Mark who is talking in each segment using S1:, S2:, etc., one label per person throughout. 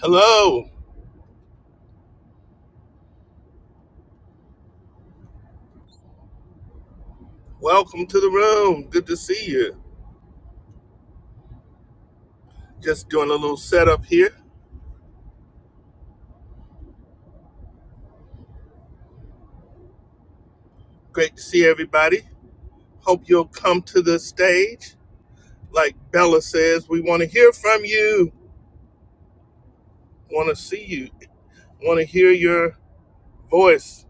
S1: Hello, welcome to the room. Good to see you. Just doing a little setup here. Great to see everybody. Hope you'll come to the stage. Like Bella says, we want to hear from you, want to see you, want to hear your voice,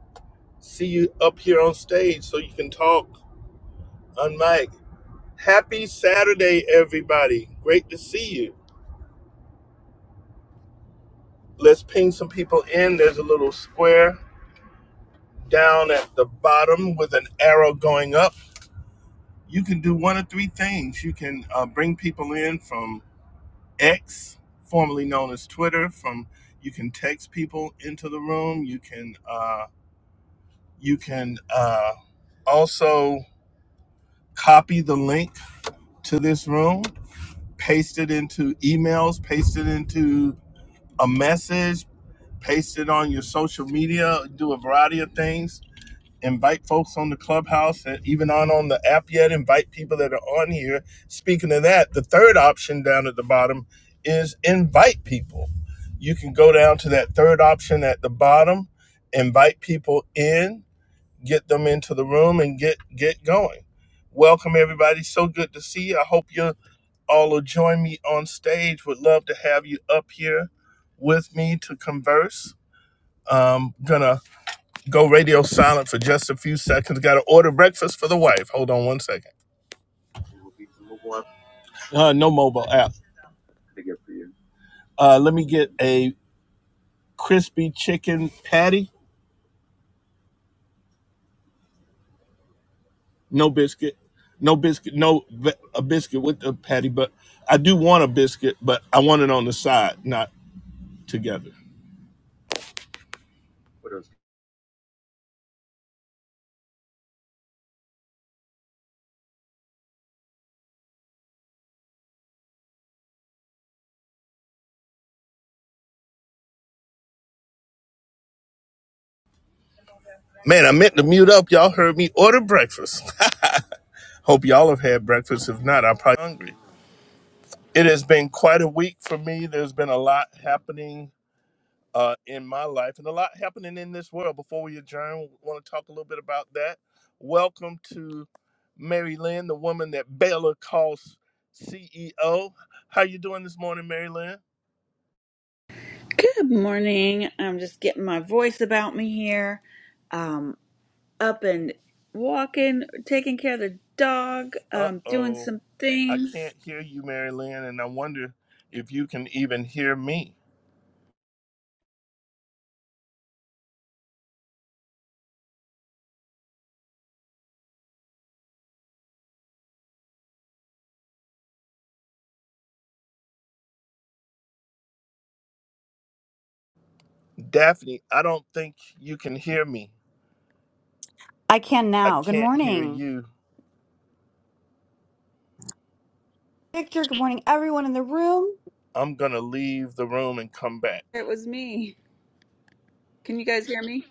S1: see you up here on stage so you can talk on mic. Happy Saturday, everybody. Great to see you. Let's ping some people in. There's a little square down at the bottom with an arrow going up you can do one of three things. You can uh, bring people in from X, formerly known as Twitter. From you can text people into the room. You can uh, you can uh, also copy the link to this room, paste it into emails, paste it into a message, paste it on your social media. Do a variety of things invite folks on the clubhouse and even on on the app yet invite people that are on here speaking of that the third option down at the bottom is invite people you can go down to that third option at the bottom invite people in get them into the room and get get going welcome everybody so good to see you i hope you all will join me on stage would love to have you up here with me to converse um gonna Go radio silent for just a few seconds. Got to order breakfast for the wife. Hold on one second. Uh, no mobile app. Uh, let me get a crispy chicken patty. No biscuit. No biscuit. No a biscuit with the patty, but I do want a biscuit, but I want it on the side, not together. Man, I meant to mute up. Y'all heard me order breakfast. Hope y'all have had breakfast. If not, I'm probably hungry. It has been quite a week for me. There's been a lot happening uh, in my life and a lot happening in this world. Before we adjourn, want to talk a little bit about that. Welcome to Mary Lynn, the woman that Baylor calls CEO. How you doing this morning, Mary Lynn?
S2: Good morning. I'm just getting my voice about me here. Um, up and walking, taking care of the dog, um, doing
S1: Uh-oh,
S2: some
S1: I can't
S2: things.
S1: hear you, Mary Lynn, and I wonder if you can even hear me. Daphne, I don't think you can hear me.
S3: I can
S1: I
S3: now. Good
S1: can't hear
S3: morning,
S1: you.
S3: Victor. Good morning, everyone in the room.
S1: I'm gonna leave the room and come back.
S2: It was me. Can you guys hear me?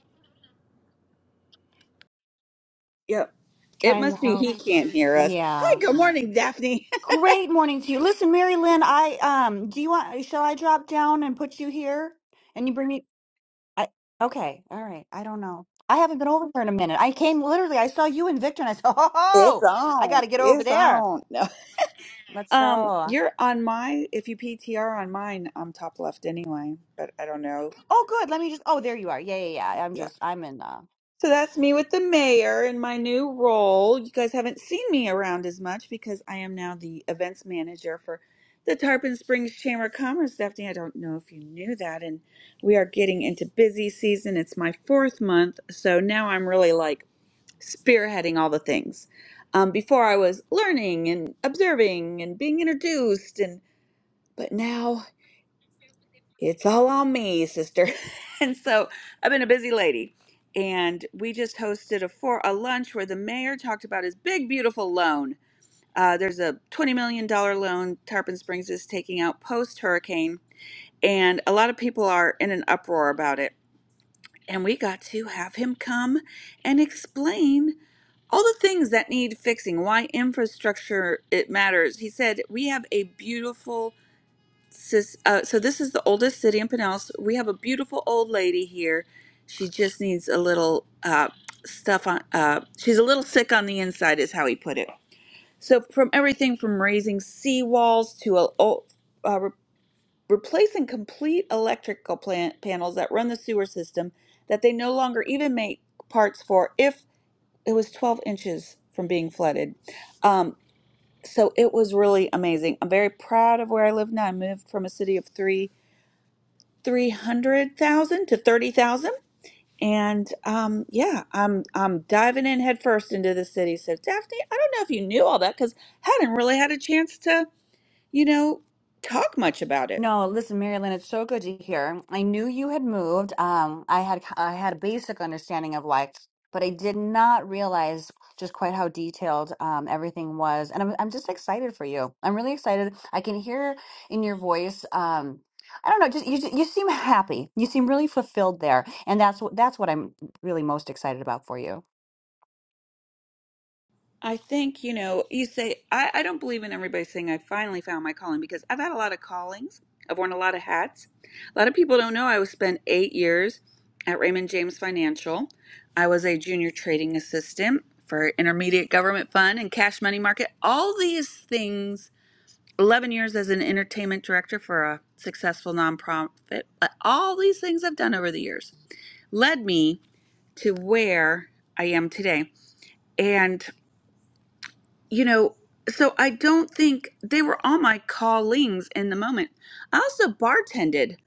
S2: Yep. It
S3: Trying to
S2: must be
S3: help.
S2: he can't hear us. Hi,
S3: Yeah.
S2: good morning, Daphne.
S3: Great morning to you. Listen, Mary Lynn, I um do you want shall I drop down and put you here and you bring me I okay, all right. I don't know. I haven't been over there in a minute. I came literally, I saw you and Victor and I said,
S2: It's
S3: Oh, I
S2: on.
S3: gotta get over
S2: It's
S3: there.
S2: on. No.
S3: Let's
S2: Um,
S3: go.
S2: you're on my if you PTR on mine, I'm top left anyway, but I don't know.
S3: Oh good. Let me just oh there you are. Yeah, yeah, yeah. I'm just I'm in uh
S2: So that's me with the mayor in my new role. You guys haven't seen me around as much because I am now the events manager for the Tarpon Springs Chamber of Commerce. Daphne, I don't know if you knew that. And we are getting into busy season. It's my fourth month. So now I'm really like spearheading all the things. Um, before I was learning and observing and being introduced and but now it's all on me, sister. And so I've been a busy lady. And we just hosted a for a lunch where the mayor talked about his big beautiful loan. Uh, there's a twenty million dollar loan Tarpon Springs is taking out post hurricane, and a lot of people are in an uproar about it. And we got to have him come and explain all the things that need fixing, why infrastructure it matters. He said we have a beautiful Sis, uh, so this is the oldest city in Pinellas. We have a beautiful old lady here. She just needs a little uh, stuff on. Uh, she's a little sick on the inside, is how he put it. So from everything from raising seawalls to a, o- uh, re- replacing complete electrical plant panels that run the sewer system that they no longer even make parts for if it was 12 inches from being flooded. Um, so it was really amazing. I'm very proud of where I live now. I moved from a city of three 300,000 to 30,000. And um, yeah, I'm I'm diving in headfirst into the city. So Daphne, I don't know if you knew all that because hadn't really had a chance to, you know, talk much about it.
S3: No, listen, Marilyn, it's so good to hear. I knew you had moved. Um, I had I had a basic understanding of life, but I did not realize just quite how detailed um, everything was. And I'm I'm just excited for you. I'm really excited. I can hear in your voice. Um, I don't know, just you you seem happy. You seem really fulfilled there, and that's what that's what I'm really most excited about for you.
S2: I think, you know, you say, I, I don't believe in everybody saying I finally found my calling because I've had a lot of callings. I've worn a lot of hats. A lot of people don't know I was spent eight years at Raymond James Financial. I was a junior trading assistant for intermediate government fund and cash money market. All these things, 11 years as an entertainment director for a successful nonprofit, uh, all these things I've done over the years led me to where I am today. And you know, so I don't think they were all my callings in the moment. I also bartended.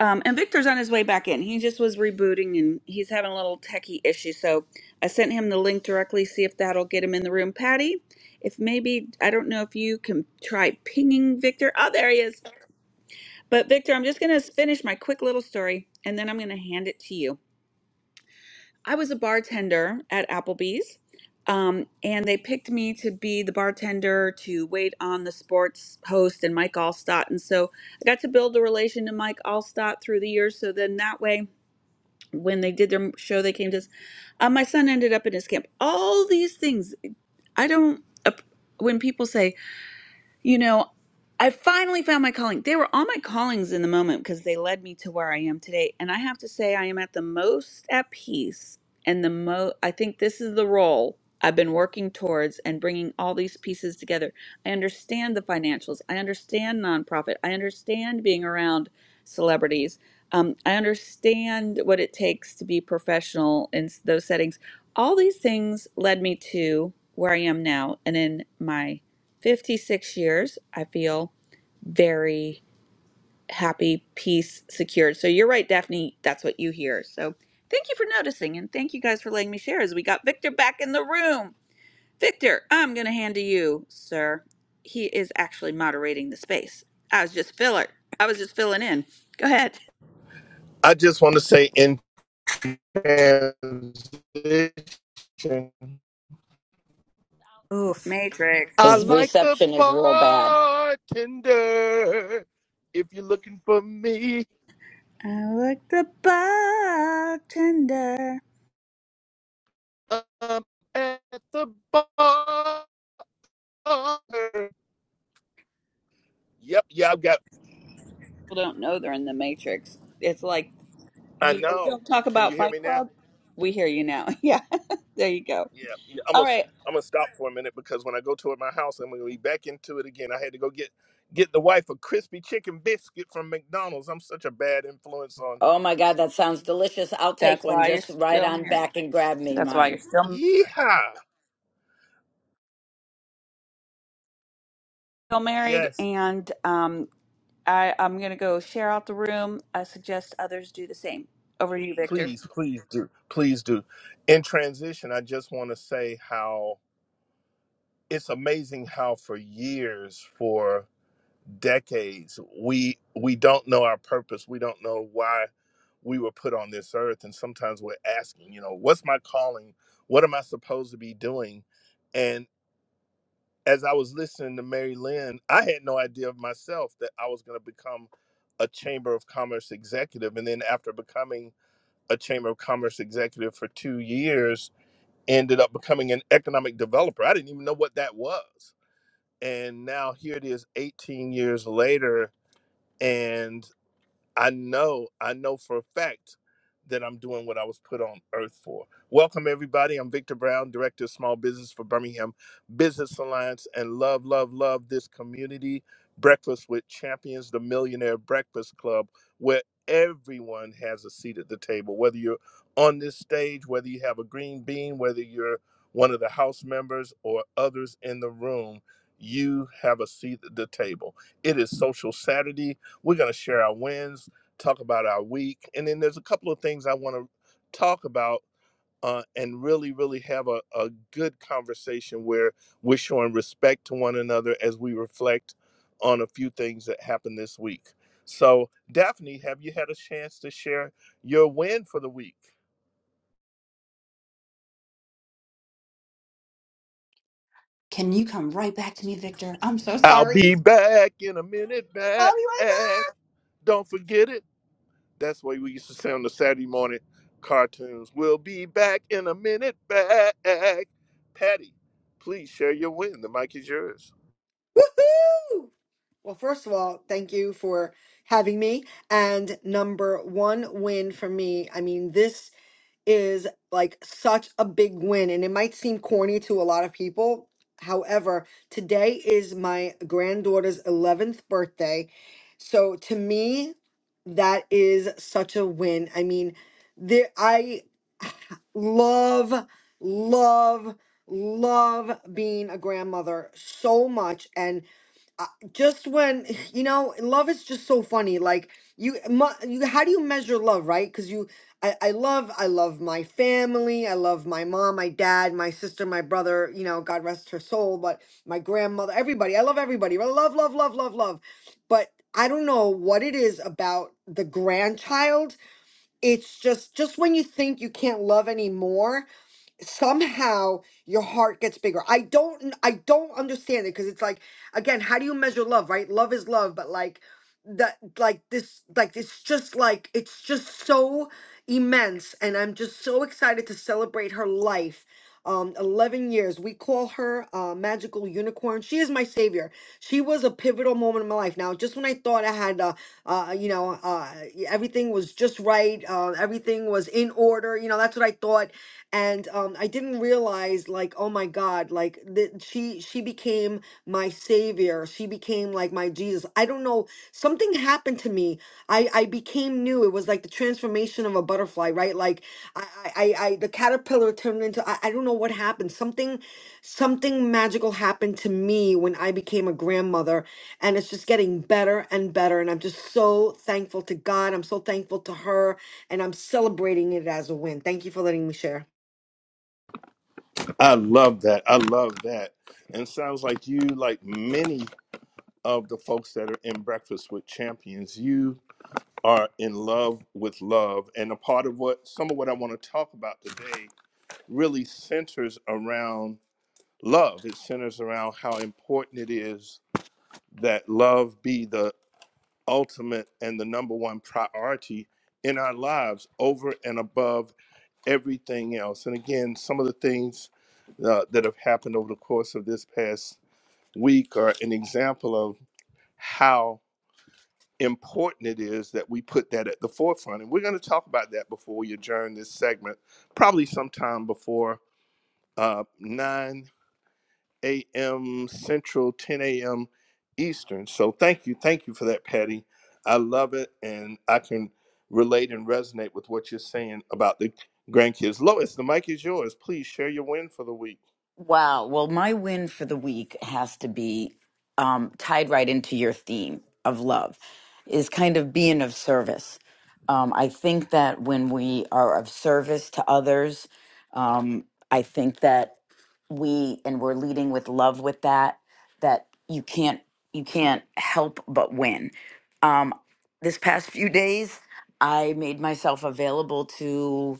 S2: Um, and Victor's on his way back in. He just was rebooting and he's having a little techie issue. So I sent him the link directly, see if that'll get him in the room. Patty, if maybe, I don't know if you can try pinging Victor. Oh, there he is. But Victor, I'm just going to finish my quick little story and then I'm going to hand it to you. I was a bartender at Applebee's, um, and they picked me to be the bartender to wait on the sports host and Mike Allstott. And so I got to build a relation to Mike Allstott through the years. So then that way, when they did their show, they came to us. Uh, my son ended up in his camp. All these things. I don't. ap- When people say, you know, I finally found my calling. They were all my callings in the moment because they led me to where I am today. And I have to say, I am at the most at peace and the mo. I think this is the role I've been working towards and bringing all these pieces together. I understand the financials. I understand nonprofit. I understand being around celebrities. Um, I understand what it takes to be professional in s- those settings. All these things led me to where I am now and in my 56 years, I feel very happy, peace, secured. So you're right, Daphne. That's what you hear. So thank you for noticing and thank you guys for letting me share as we got Victor back in the room. Victor, I'm going to hand to you, sir. He is actually moderating the space. I was just filler. I was just filling in. Go ahead.
S1: I just want to say in transition
S3: Oof.
S2: Matrix.
S1: I
S4: His
S1: like the
S4: reception is real bad.
S1: bartender. If you're looking for me,
S2: I like the bartender.
S1: I'm at the bar. Yep, yeah, I've got.
S2: People don't know they're in the Matrix. It's like
S1: I
S2: You know, we
S1: know.
S2: don't talk
S1: Can
S2: about
S1: you hear
S2: Fight
S1: me now?
S2: Club. We hear you now. Yeah, there you go.
S1: Yeah, yeah, I'm
S2: All
S1: gonna
S2: right.
S1: I'm gonna stop for a minute because when I go to my house, I'm gonna be back into it again. I had to go get get the wife a crispy chicken biscuit from McDonald's. I'm such a bad influence on.
S4: Oh my God, that sounds delicious. I'll take
S2: That's
S4: one.
S2: why you're
S4: Just right
S2: still
S4: on
S2: married.
S4: back and grab me
S2: That's why you're
S4: mine.
S2: still
S1: Yeehaw!
S2: still married.
S1: Yes.
S2: And um, I, I'm gonna go share out the room. I suggest others do the same. Over to you, Victor.
S1: Please, please do. Please do. In transition, I just want to say how it's amazing how for years, for decades, we we don't know our purpose. We don't know why we were put on this earth and sometimes we're asking, you know, what's my calling? What am I supposed to be doing? And as I was listening to Mary Lynn, I had no idea of myself that I was going to become a chamber of commerce executive and then after becoming a chamber of commerce executive for two years, ended up becoming an economic developer. I didn't even know what that was. And now here it is 18 years later. and. I know, I know for a fact that I'm doing what I was put on earth for. Welcome, everybody. I'm Victor Brown, Director of Small Business for Birmingham Business Alliance, and love, love, love this community. Breakfast with Champions, the Millionaire Breakfast Club, where everyone has a seat at the table, whether you're on this stage, whether you have a green bean, whether you're one of the house members or others in the room, you have a seat at the table. It is Social Saturday. We're going to share our wins talk about our week. And then there's a couple of things I want to talk about uh, and really, really have a, a good conversation where we're showing respect to one another as we reflect on a few things that happened this week. So, Daphne, have you had a chance to share your win for the week?
S3: Can you come right back to me, Victor? I'm so
S1: I'll
S3: sorry.
S1: be back in a minute,
S3: I'll
S1: back.
S3: be right back.
S1: Don't forget it. That's what we used to say on the Saturday morning cartoons. We'll be back in a minute. Back, Patty. Please share your win. The mic is yours.
S5: Woohoo! Well, first of all, thank you for having me. And number one win for me. I mean, this is like such a big win, and it might seem corny to a lot of people. However, today is my granddaughter's 11th birthday. So to me, that is such a win. I mean, there, I love, love, love being a grandmother so much. And I- just when you know love is just so funny like you mu- you how do you measure love right because you I, I love i love my family i love my mom my dad my sister my brother you know god rest her soul but my grandmother everybody i love everybody I love love love love love but i don't know what it is about the grandchild it's just just when you think you can't love anymore somehow your heart gets bigger. I don't I I don't understand it because it's like again, how do you measure love, right? Love is love, but like that like this like it's just like it's just so immense and I'm just so excited to celebrate her life. Um 11 years. We call her uh magical unicorn. She is my savior. She was a pivotal moment in my life. Now, just when I thought I had uh, uh you know, uh everything was just right, uh everything was in order, you know, that's what I thought and um, I didn't realize like oh my God like that she she became my savior she became like my Jesus I don't know something happened to me I I became new it was like the transformation of a butterfly right like I I I I- the caterpillar turned into I, I don't know what happened something something magical happened to me when I became a grandmother and it's just getting better and better and I'm just so thankful to God I'm so thankful to her and I'm celebrating it as a win thank you for letting me share
S1: I love that. I love that. And sounds like you, like many of the folks that are in Breakfast with Champions, you are in love with love. And a part of what some of what I want to talk about today really centers around love. It centers around how important it is that love be the ultimate and the number one priority in our lives over and above everything else. And again, some of the things uh, that have happened over the course of this past week are an example of how important it is that we put that at the forefront. And we're going to talk about that before we adjourn this segment, probably sometime before uh, 9 a.m. Central, 10 a.m. Eastern. So thank you. Thank you for that, Patty. I love it. And I can relate and resonate with what you're saying about the grandkids. Lois, the mic is yours. Please share your win for the week.
S4: Wow. Well, my win for the week has to be um, tied right into your theme of love, is kind of being of service. Um, I think that when we are of service to others, um, I think that we and we're leading with love with that. That you can't you can't help but win. Um, this past few days, I made myself available to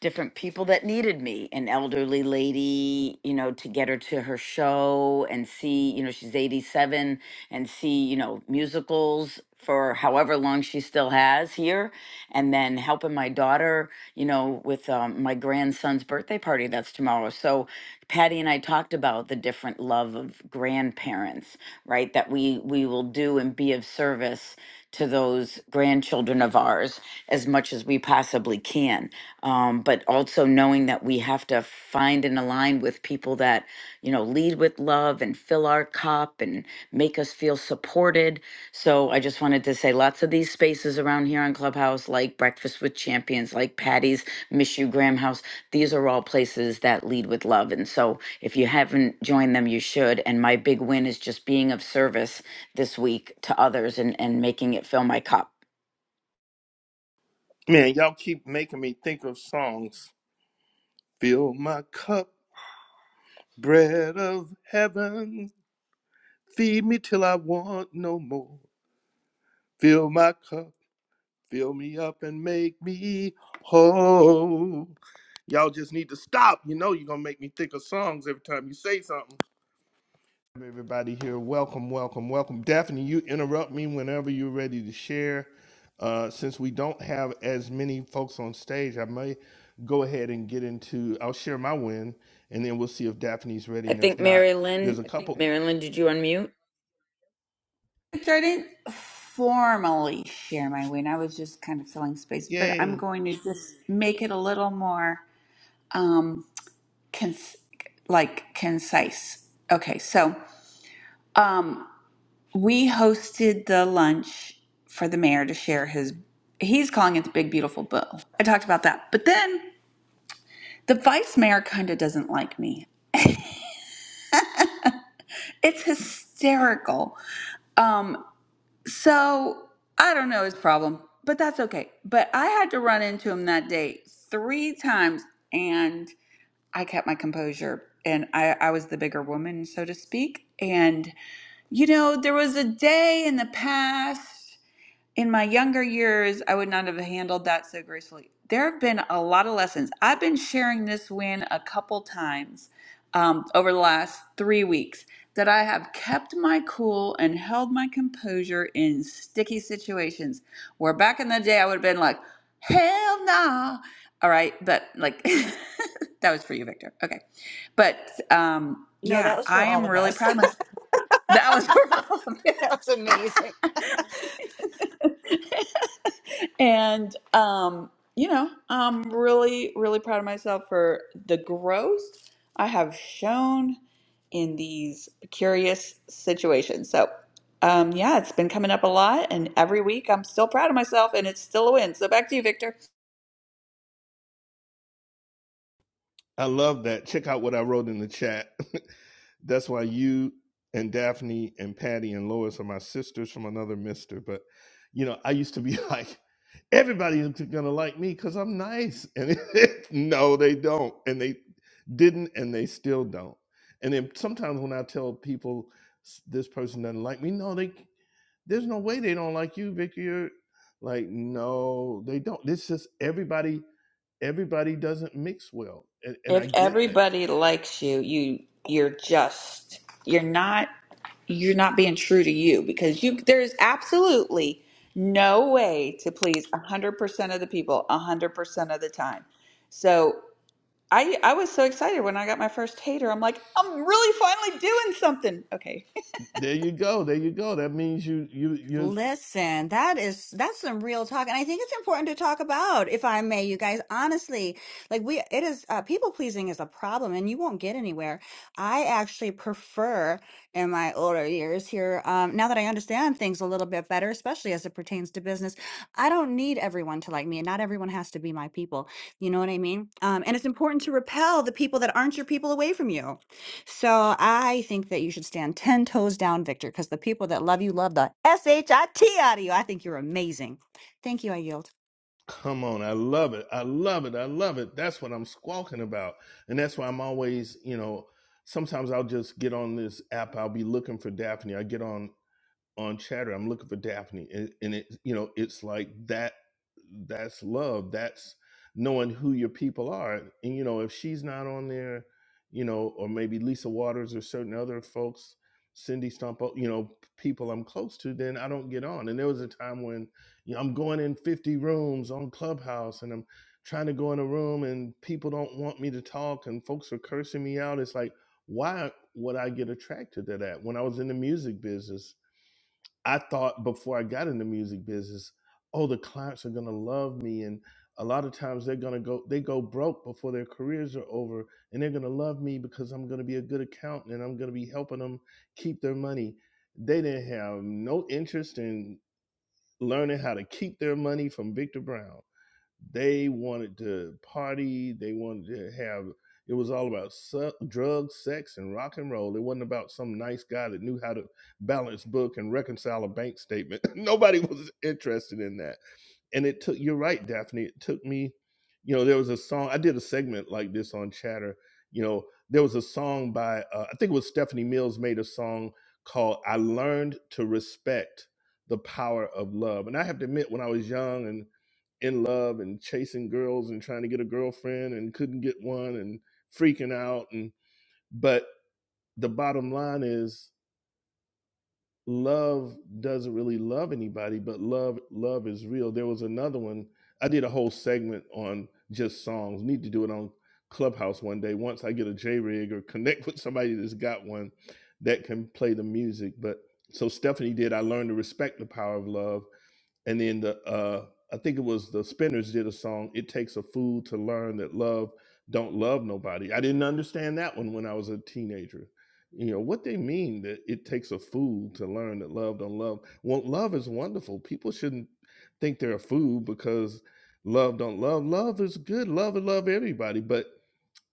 S4: different people that needed me an elderly lady you know to get her to her show and see you know she's 87 and see you know musicals for however long she still has here and then helping my daughter you know with um, my grandson's birthday party that's tomorrow so patty and i talked about the different love of grandparents right that we we will do and be of service to those grandchildren of ours as much as we possibly can. Um, but also knowing that we have to find and align with people that, you know, lead with love and fill our cup and make us feel supported. So I just wanted to say lots of these spaces around here on Clubhouse, like Breakfast with Champions, like Patty's Miss You Graham House, these are all places that lead with love. And so if you haven't joined them, you should. And my big win is just being of service this week to others and and making it fill my cup.
S1: Man, y'all keep making me think of songs. Fill my cup, bread of heaven. Feed me till I want no more. Fill my cup, fill me up and make me whole. Y'all just need to stop. You know you're gonna make me think of songs every time you say something. Everybody here, welcome, welcome, welcome. Daphne, you interrupt me whenever you're ready to share. Uh, since we don't have as many folks on stage, I may go ahead and get into. I'll share my win, and then we'll see if Daphne's ready.
S4: I
S1: And if
S4: think
S1: not,
S4: Mary
S1: there's
S4: Lynn,
S1: a I think couple.
S4: Mary
S1: Mary's-
S4: Lynn, did you unmute?
S2: Victor, I didn't formally share my win. I was just kind of filling space, but I'm
S1: Yay!
S2: going to just make it a little more um, cons- like concise. Okay, so. um. we hosted the lunch for the mayor to share his he's calling it the big beautiful bill i talked about that but then the vice mayor kind of doesn't like me it's hysterical um so i don't know his problem but that's okay but i had to run into him that day three times and i kept my composure and i i was the bigger woman so to speak and you know there was a day in the past in my younger years, I would not have handled that so gracefully. There have been a lot of lessons. I've been sharing this win a couple times um, over the last three weeks that I have kept my cool and held my composure in sticky situations where back in the day I would have been like, hell no!" All right. But like, that was for you, Victor. Okay. But um,
S3: No,
S2: yeah,
S3: that was for
S2: I
S3: all
S2: am
S3: of
S2: really
S3: us.
S2: proud of myself. That was her
S3: that was
S2: mom.
S3: amazing.
S2: and um, you know, I'm really, really proud of myself for the growth I have shown in these curious situations. So, um, yeah, it's been coming up a lot, and every week I'm still proud of myself, and it's still a win. So back to you, Victor.
S1: I love that. Check out what I wrote in the chat. That's why you and Daphne and Patty and Lois are my sisters from another mister. But you know, I used to be like, everybody's gonna like me because I'm nice. And no, they don't. And they didn't, and they still don't. And then sometimes when I tell people "S- this person doesn't like me, no, they there's no way they don't like you, Vicky. You're like, no, they don't. It's just everybody everybody doesn't mix well and, and i
S2: If
S1: get that
S2: everybody likes you, you you're just you're not you're not being true to you because you there's absolutely no way to please 100% of the people 100% of the time. So I I was so excited when I got my first hater. I'm like, I'm really finally doing something. Okay.
S1: There you go. There you go. That means you you you
S3: Listen, that is that's some real talk, and I think it's important to talk about, if I may, you guys. Honestly, like we, it is uh, people pleasing is a problem, and you won't get anywhere. I actually prefer, in my older years here, um, now that I understand things a little bit better, especially as it pertains to business, I don't need everyone to like me, and not everyone has to be my people. You know what I mean? Um, and it's important to repel the people that aren't your people away from you. So I think that you should stand 10 toes down, Victor, because the people that love you love the S H I T out of you. I think you're amazing. Thank you. I yield.
S1: come on. I love it. I love it. I love it. That's what I'm squawking about. And that's why I'm always, you know, sometimes I'll just get on this app. I'll be looking for Daphne. I get on on chatter i'm looking for daphne and, and it you know it's like that that's love that's knowing who your people are and you know if she's not on there you know or maybe lisa waters or certain other folks cindy stumpo you know people i'm close to then i don't get on and there was a time when you know i'm going in 50 rooms on clubhouse and i'm trying to go in a room and people don't want me to talk and folks are cursing me out it's like why would i get attracted to that when i was in the music business I thought before I got in the music business, oh, the clients are gonna love me, and a lot of times they're gonna go they go broke before their careers are over, and they're gonna love me because I'm gonna be a good accountant and I'm gonna be helping them keep their money. They didn't have no interest in learning how to keep their money from Victor Brown. They wanted to party. They wanted to have. It was all about su- drugs, sex, and rock and roll. It wasn't about some nice guy that knew how to balance book and reconcile a bank statement. Nobody was interested in that and it took you're right daphne it took me you know there was a song i did a segment like this on chatter you know there was a song by uh, i think it was stephanie mills made a song called i learned to respect the power of love and i have to admit when i was young and in love and chasing girls and trying to get a girlfriend and couldn't get one and freaking out and but the bottom line is love doesn't really love anybody but love love is real there was another one i did a whole segment on just songs need to do it on clubhouse one day once i get a j-rig or connect with somebody that's got one that can play the music but so stephanie did i learned to respect the power of love and then the uh I think it was the Spinners did a song, It Takes a Fool to Learn That Love Don't Love Nobody. I didn't understand that one when I was a teenager. You know, what they mean that it takes a fool to learn that love don't love. Well, love is wonderful. People shouldn't think they're a fool because love don't love. Love is good. Love and love everybody. But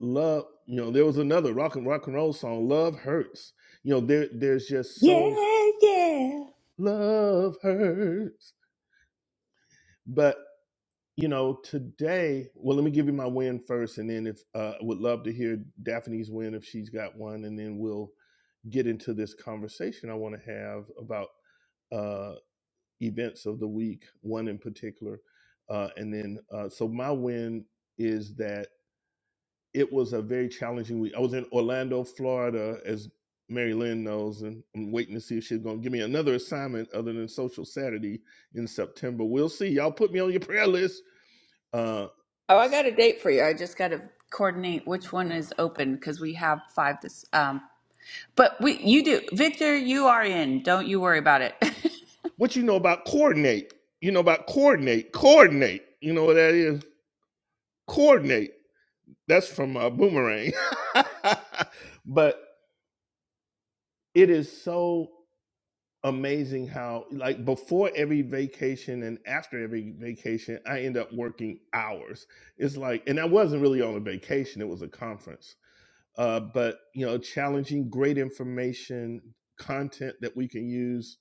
S1: love, you know, there was another rock and rock and roll song, Love Hurts. You know, there there's just
S2: Yeah,
S1: so
S2: yeah.
S1: love hurts. but. you know, today, well, let me give you my win first, and then if uh, would love to hear Daphne's win if she's got one, and then we'll get into this conversation I want to have about uh, events of the week, one in particular, uh, and then uh, so my win is that it was a very challenging week. I was in Orlando, Florida, as Mary Lynn knows, and I'm waiting to see if she's going to give me another assignment other than Social Saturday in September. We'll see. Y'all put me on your prayer list. Uh,
S2: Oh, I got a date for you. I just got to coordinate which one is open because we have five this. um. But we, you do, Victor. You are in. Don't you worry about it.
S1: What you know about coordinate? You know about coordinate, coordinate. You know what that is? Coordinate. That's from uh, Boomerang. but it is so amazing how, like, before every vacation and after every vacation, I end up working hours. It's like, and I wasn't really on a vacation, it was a conference. Uh, but, you know, challenging great information, content that we can use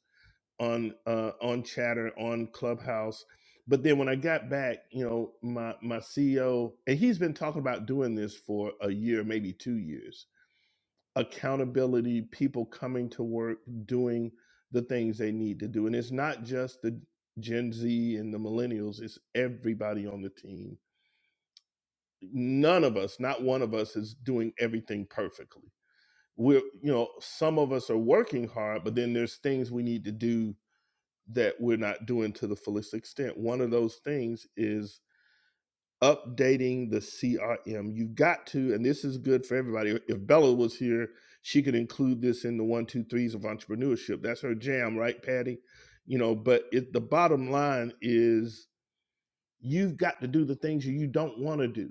S1: on uh, on Chatter on Clubhouse. But then when I got back, you know, my my CEO and he's been talking about doing this for a year, maybe two years. Accountability, people coming to work, doing the things they need to do, and it's not just the Gen Z and the millennials; it's everybody on the team. None of us, not one of us, is doing everything perfectly. We're, you know, some of us are working hard, but then there's things we need to do that we're not doing to the fullest extent. One of those things is updating the CRM. You've got to, and this is good for everybody. If Bella was here, she could include this in the one, two, threes of entrepreneurship. That's her jam, right, Patty? You know, but it, the bottom line is you've got to do the things you don't want to do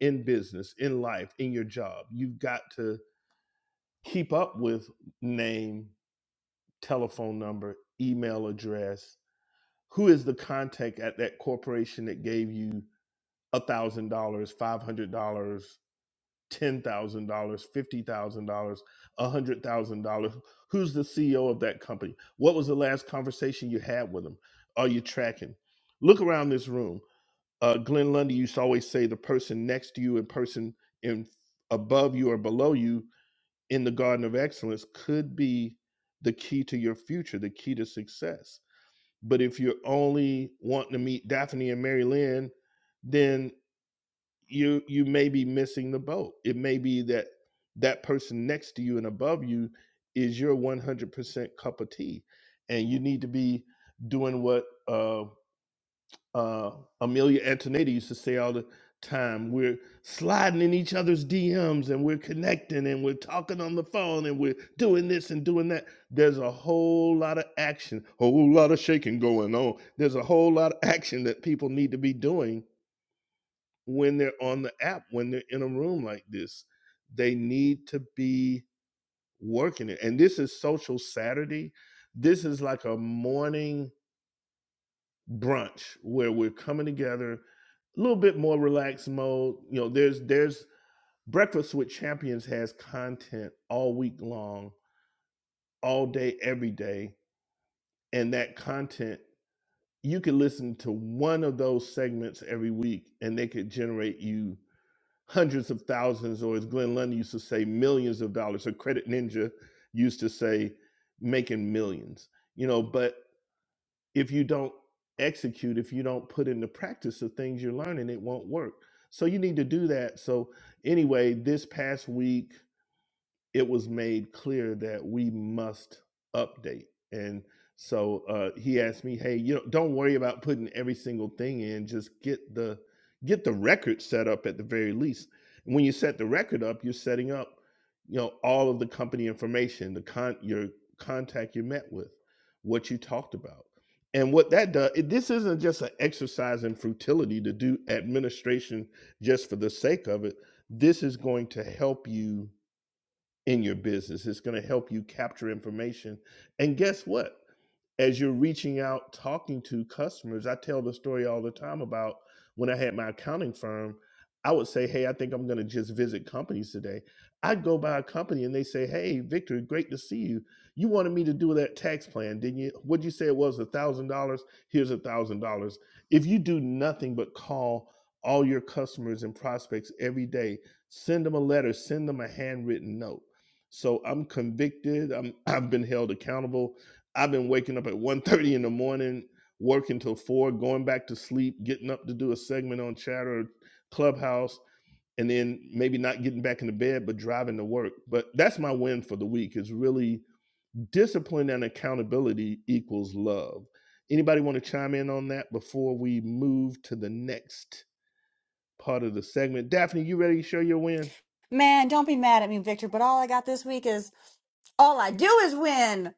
S1: in business, in life, in your job. You've got to keep up with name, telephone number, email address, who is the contact at that corporation that gave you a thousand dollars five hundred dollars ten thousand dollars fifty thousand dollars a hundred thousand dollars who's the ceo of that company what was the last conversation you had with them are you tracking look around this room uh, glenn lundy used to always say the person next to you and person in above you or below you in the garden of excellence could be the key to your future the key to success but if you're only wanting to meet Daphne and Mary Lynn, then you you may be missing the boat. It may be that that person next to you and above you is your 100% cup of tea, and you need to be doing what uh, uh, Amelia Antonetta used to say all the time, we're sliding in each other's DMs and we're connecting and we're talking on the phone and we're doing this and doing that. There's a whole lot of action, a whole lot of shaking going on. There's a whole lot of action that people need to be doing when they're on the app, when they're in a room like this. They need to be working it. And this is Social Saturday. This is like a morning brunch where we're coming together a little bit more relaxed mode you know there's there's breakfast with champions has content all week long all day every day and that content you can listen to one of those segments every week and they could generate you hundreds of thousands or as glenn lund used to say millions of dollars or credit ninja used to say making millions you know but. if you don't execute, if you don't put into practice the things you're learning, it won't work. So you need to do that. So anyway, this past week it was made clear that we must update. And so uh, he asked me, "Hey, you know, don't worry about putting every single thing in. Just get the get the record set up at the very least. And when you set the record up, you're setting up, you know, all of the company information, the con your contact you met with, what you talked about." And what that does, it, this isn't just an exercise in futility to do administration just for the sake of it. This is going to help you in your business. It's going to help you capture information. And guess what? as you're reaching out talking to customers i tell the story all the time about when i had my accounting firm i would say hey i think i'm going to just visit companies today i'd go by a company and they say hey victor great to see you you wanted me to do that tax plan didn't you what'd you say it was a thousand dollars here's a thousand dollars if you do nothing but call all your customers and prospects every day send them a letter send them a handwritten note so i'm convicted I'm, i've been held accountable I've been waking up at one thirty in the morning, working till four, going back to sleep, getting up to do a segment on Chatter Clubhouse, and then maybe not getting back into bed, but driving to work. But that's my win for the week is really discipline and accountability equals love. Anybody want to chime in on that before we move to the next part of the segment? Daphne, you ready to show your win?
S3: Man, don't be mad at me, Victor, but all I got this week is all I do is win.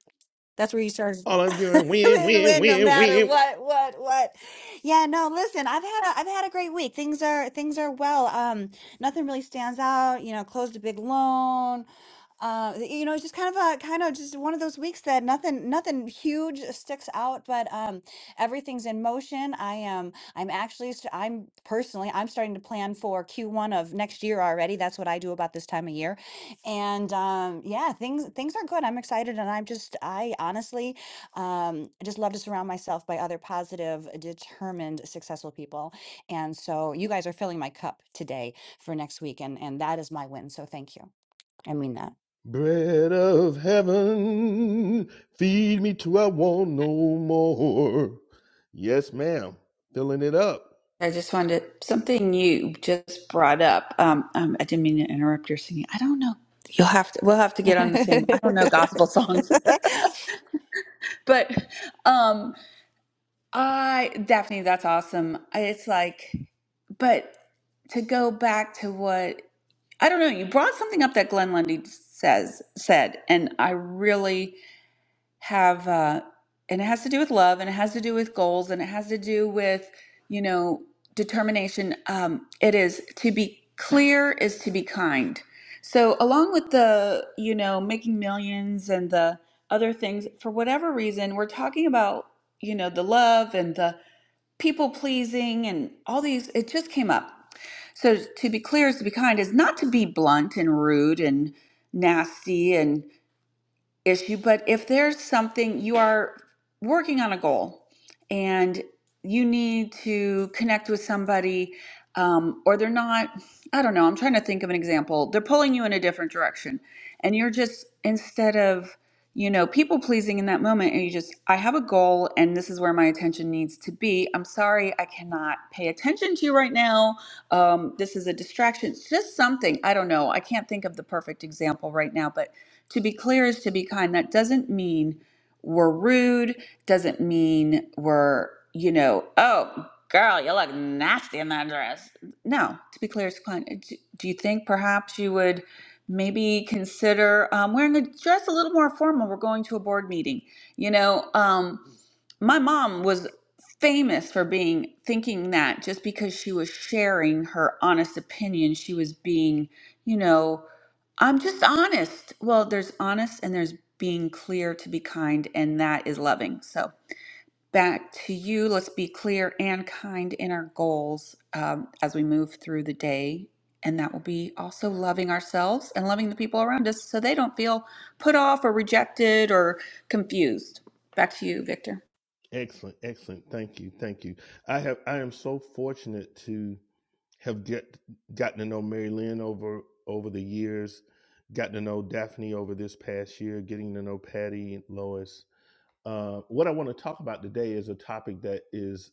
S3: That's where you start.
S1: All I'm doing, win,
S3: win,
S1: win,
S3: win, no
S1: win,
S3: matter
S1: win.
S3: what, what, what. Yeah, no, listen, I've had a, I've had a great week. Things are, things are well. Um, nothing really stands out. You know, closed a big loan. Uh, you know, it's just kind of a kind of just one of those weeks that nothing nothing huge sticks out, but um, everything's in motion. I am I'm actually st- I'm personally I'm starting to plan for Q1 of next year already. That's what I do about this time of year, and um, yeah, things things are good. I'm excited, and I'm just I honestly um, I just love to surround myself by other positive, determined, successful people, and so you guys are filling my cup today for next week, and and that is my win. So thank you. I mean that.
S1: Bread of heaven, feed me till I want no more. Yes, ma'am. Filling it up.
S2: I just wanted to, something you just brought up. Um, um, I didn't mean to interrupt your singing. I don't know. You'll have to. We'll have to get on the same. I don't know gospel songs, but um, I Daphne, that's awesome. I- It's like, but to go back to what I don't know. You brought something up that Glenn Lundy says said, and I really have uh and it has to do with love and it has to do with goals and it has to do with you know determination um it is to be clear is to be kind so along with the you know making millions and the other things for whatever reason we're talking about you know the love and the people pleasing and all these it just came up so to be clear is to be kind is not to be blunt and rude and nasty and issue, but if there's something you are working on a goal and you need to connect with somebody, um, or they're not, I don't know, I'm trying to think of an example. They're pulling you in a different direction, and you're just, instead of, you know, people pleasing in that moment, and you just, I have a goal, and this is where my attention needs to be. I'm sorry, I cannot pay attention to you right now. Um, this is a distraction. It's just something, I don't know, I can't think of the perfect example right now, but to be clear is to be kind. That doesn't mean we're rude, doesn't mean we're, you know, oh, girl, you look nasty in that dress. No, to be clear is to be kind. Do do you think perhaps you would maybe consider um, wearing a dress a little more formal? We're going to a board meeting. You know, um, my mom was famous for being thinking that just because she was sharing her honest opinion, she was being, you know, I'm just honest. Well, there's honest and there's being clear to be kind, and that is loving. So, back to you. Let's be clear and kind in our goals um, as we move through the day. And that will be also loving ourselves and loving the people around us so they don't feel put off or rejected or confused. Back to you, Victor.
S1: Excellent, excellent. Thank you, thank you. I have. I am so fortunate to have get gotten to know Mary Lynn over over the years, gotten to know Daphne over this past year, getting to know Patty and Lois. Uh, what I want to talk about today is a topic that is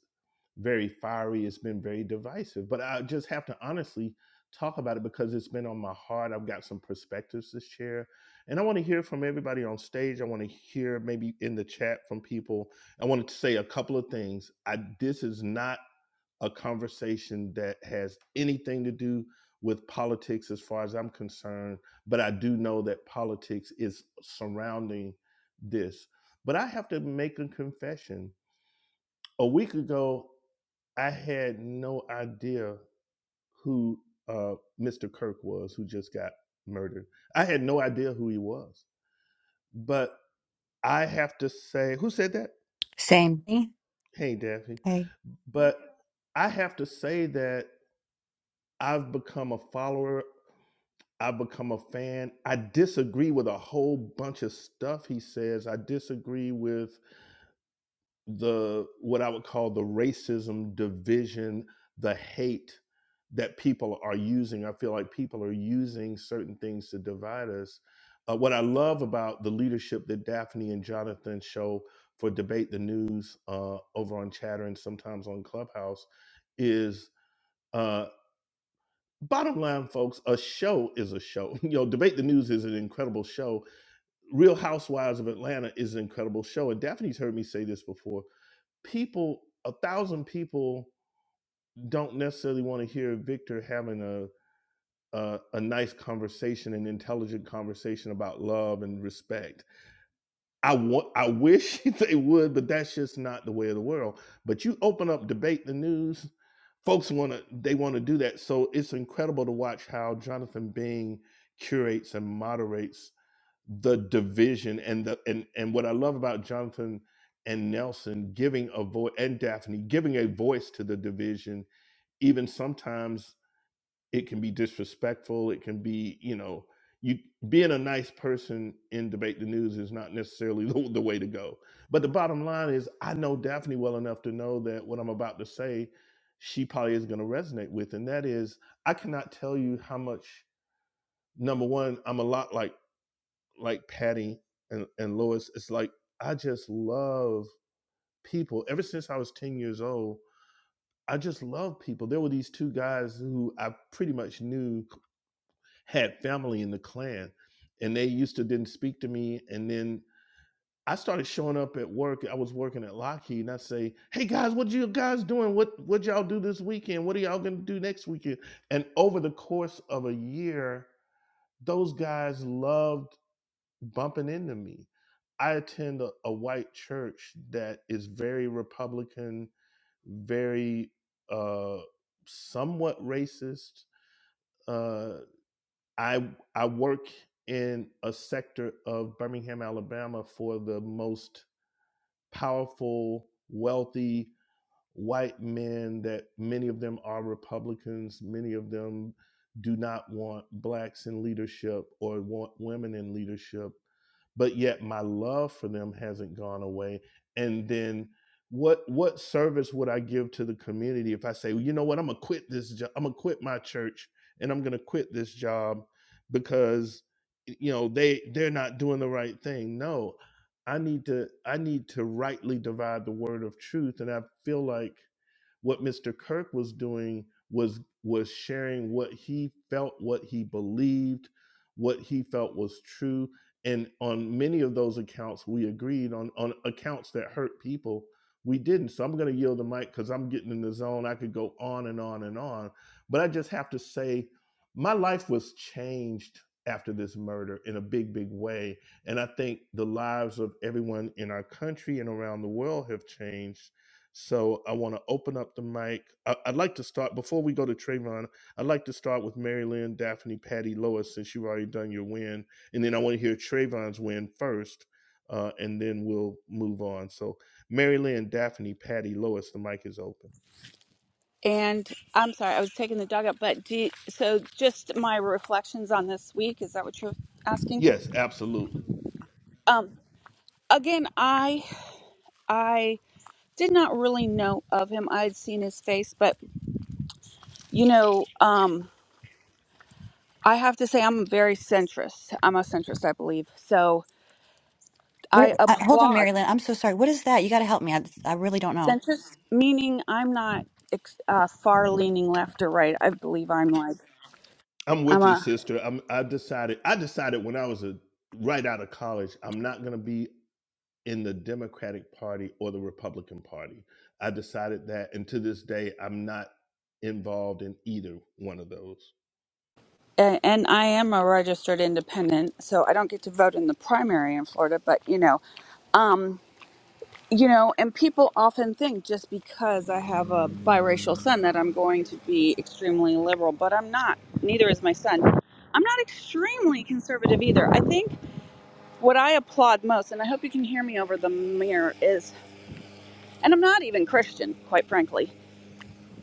S1: very fiery. It's been very divisive, but I just have to honestly talk about it because it's been on my heart. I've got some perspectives to share, and I want to hear from everybody on stage. I want to hear maybe in the chat from people. I wanted to say a couple of things. I this is not a conversation that has anything to do with politics as far as I'm concerned, but I do know that politics is surrounding this. But I have to make a confession. A week ago, I had no idea who uh, Mr. Kirk was, who just got murdered. I had no idea who he was. But I have to say, who said that?
S3: Same.
S1: Hey, Daphne.
S3: Hey,
S1: But I have to say that I've become a follower I become a fan. I disagree with a whole bunch of stuff he says. I disagree with the what I would call the racism, division, the hate that people are using. I feel like people are using certain things to divide us. Uh, what I love about the leadership that Daphne and Jonathan show for debate the news uh, over on Chatter and sometimes on Clubhouse is. uh, Bottom line, folks, a show is a show. You know, Debate the News is an incredible show. Real Housewives of Atlanta is an incredible show. And Daphne's heard me say this before. People, a thousand people don't necessarily want to hear Victor having a, a a nice conversation, an intelligent conversation about love and respect I want, I wish they would, but that's just not the way of the world. But you open up debate the news, folks want to, they want to do that. So it's incredible to watch how Jonathan Bing curates and moderates the division and the and and what I love about Jonathan and Nelson giving a voice and Daphne giving a voice to the division, even sometimes it can be disrespectful it can be you know you being a nice person in debate the news is not necessarily the, the way to go but the bottom line is i know daphne well enough to know that what i'm about to say she probably is going to resonate with and that is i cannot tell you how much number one i'm a lot like like patty and, and lois it's like i just love people ever since i was 10 years old I just love people. There were these two guys who I pretty much knew had family in the Klan, and they used to didn't speak to me. And then I started showing up at work. I was working at Lockheed, and I say, "Hey guys, what you guys doing? What what y'all do this weekend? What are y'all gonna do next weekend?" And over the course of a year, those guys loved bumping into me. I attend a, a white church that is very Republican, very uh, somewhat racist. Uh, I I work in a sector of Birmingham, Alabama for the most powerful, wealthy white men that many of them are Republicans, many of them do not want blacks in leadership or want women in leadership but yet my love for them hasn't gone away and then what what service would i give to the community if i say well, you know what i'm gonna quit this job i'm gonna quit my church and i'm gonna quit this job because you know they they're not doing the right thing no i need to i need to rightly divide the word of truth and i feel like what Mr. Kirk was doing was was sharing what he felt, what he believed, what he felt was true. And on many of those accounts, we agreed on on accounts that hurt people. We didn't. So I'm going to yield the mic because I'm getting in the zone. I could go on and on and on. But I just have to say, my life was changed after this murder in a big, big way. And I think the lives of everyone in our country and around the world have changed so I want to open up the mic. I, I'd like to start before we go to Trayvon. I'd like to start with Mary Lynn, Daphne, Patty, Lois, since you've already done your win, and then I want to hear Trayvon's win first, uh, and then we'll move on. So Mary Lynn, Daphne, Patty, Lois, the mic is open.
S2: And I'm sorry, I was taking the dog up, but do you, so just my reflections on this week. Is that what you're asking?
S1: Yes, absolutely.
S2: Um, again, I I did not really know of him. I would seen his face, but you know, um, I have to say I'm very centrist. I'm a centrist, I believe. So
S3: what-
S2: I
S3: uh, hold on,
S2: applaud
S3: Mary Lynn. I'm so sorry. What is that? You got to help me. I, I really don't know.
S2: centrist, meaning I'm not ex- uh, far leaning left or right. I believe I'm like
S1: I'm
S2: I'm
S1: with you,
S2: a
S1: sister. I'm, I decided. I decided when I was a right out of college, I'm not going to be in the Democratic Party or the Republican Party. I decided that, and to this day, I'm not involved in either one of those.
S2: a- and I am a registered independent, so I don't get to vote in the primary in Florida. But you know, um, you know, and people often think just because I have a biracial son that I'm going to be extremely liberal, but I'm not. Neither is my son. I'm not extremely conservative either. I think what I applaud most, and I hope you can hear me over the mirror, is, and I'm not even Christian, quite frankly,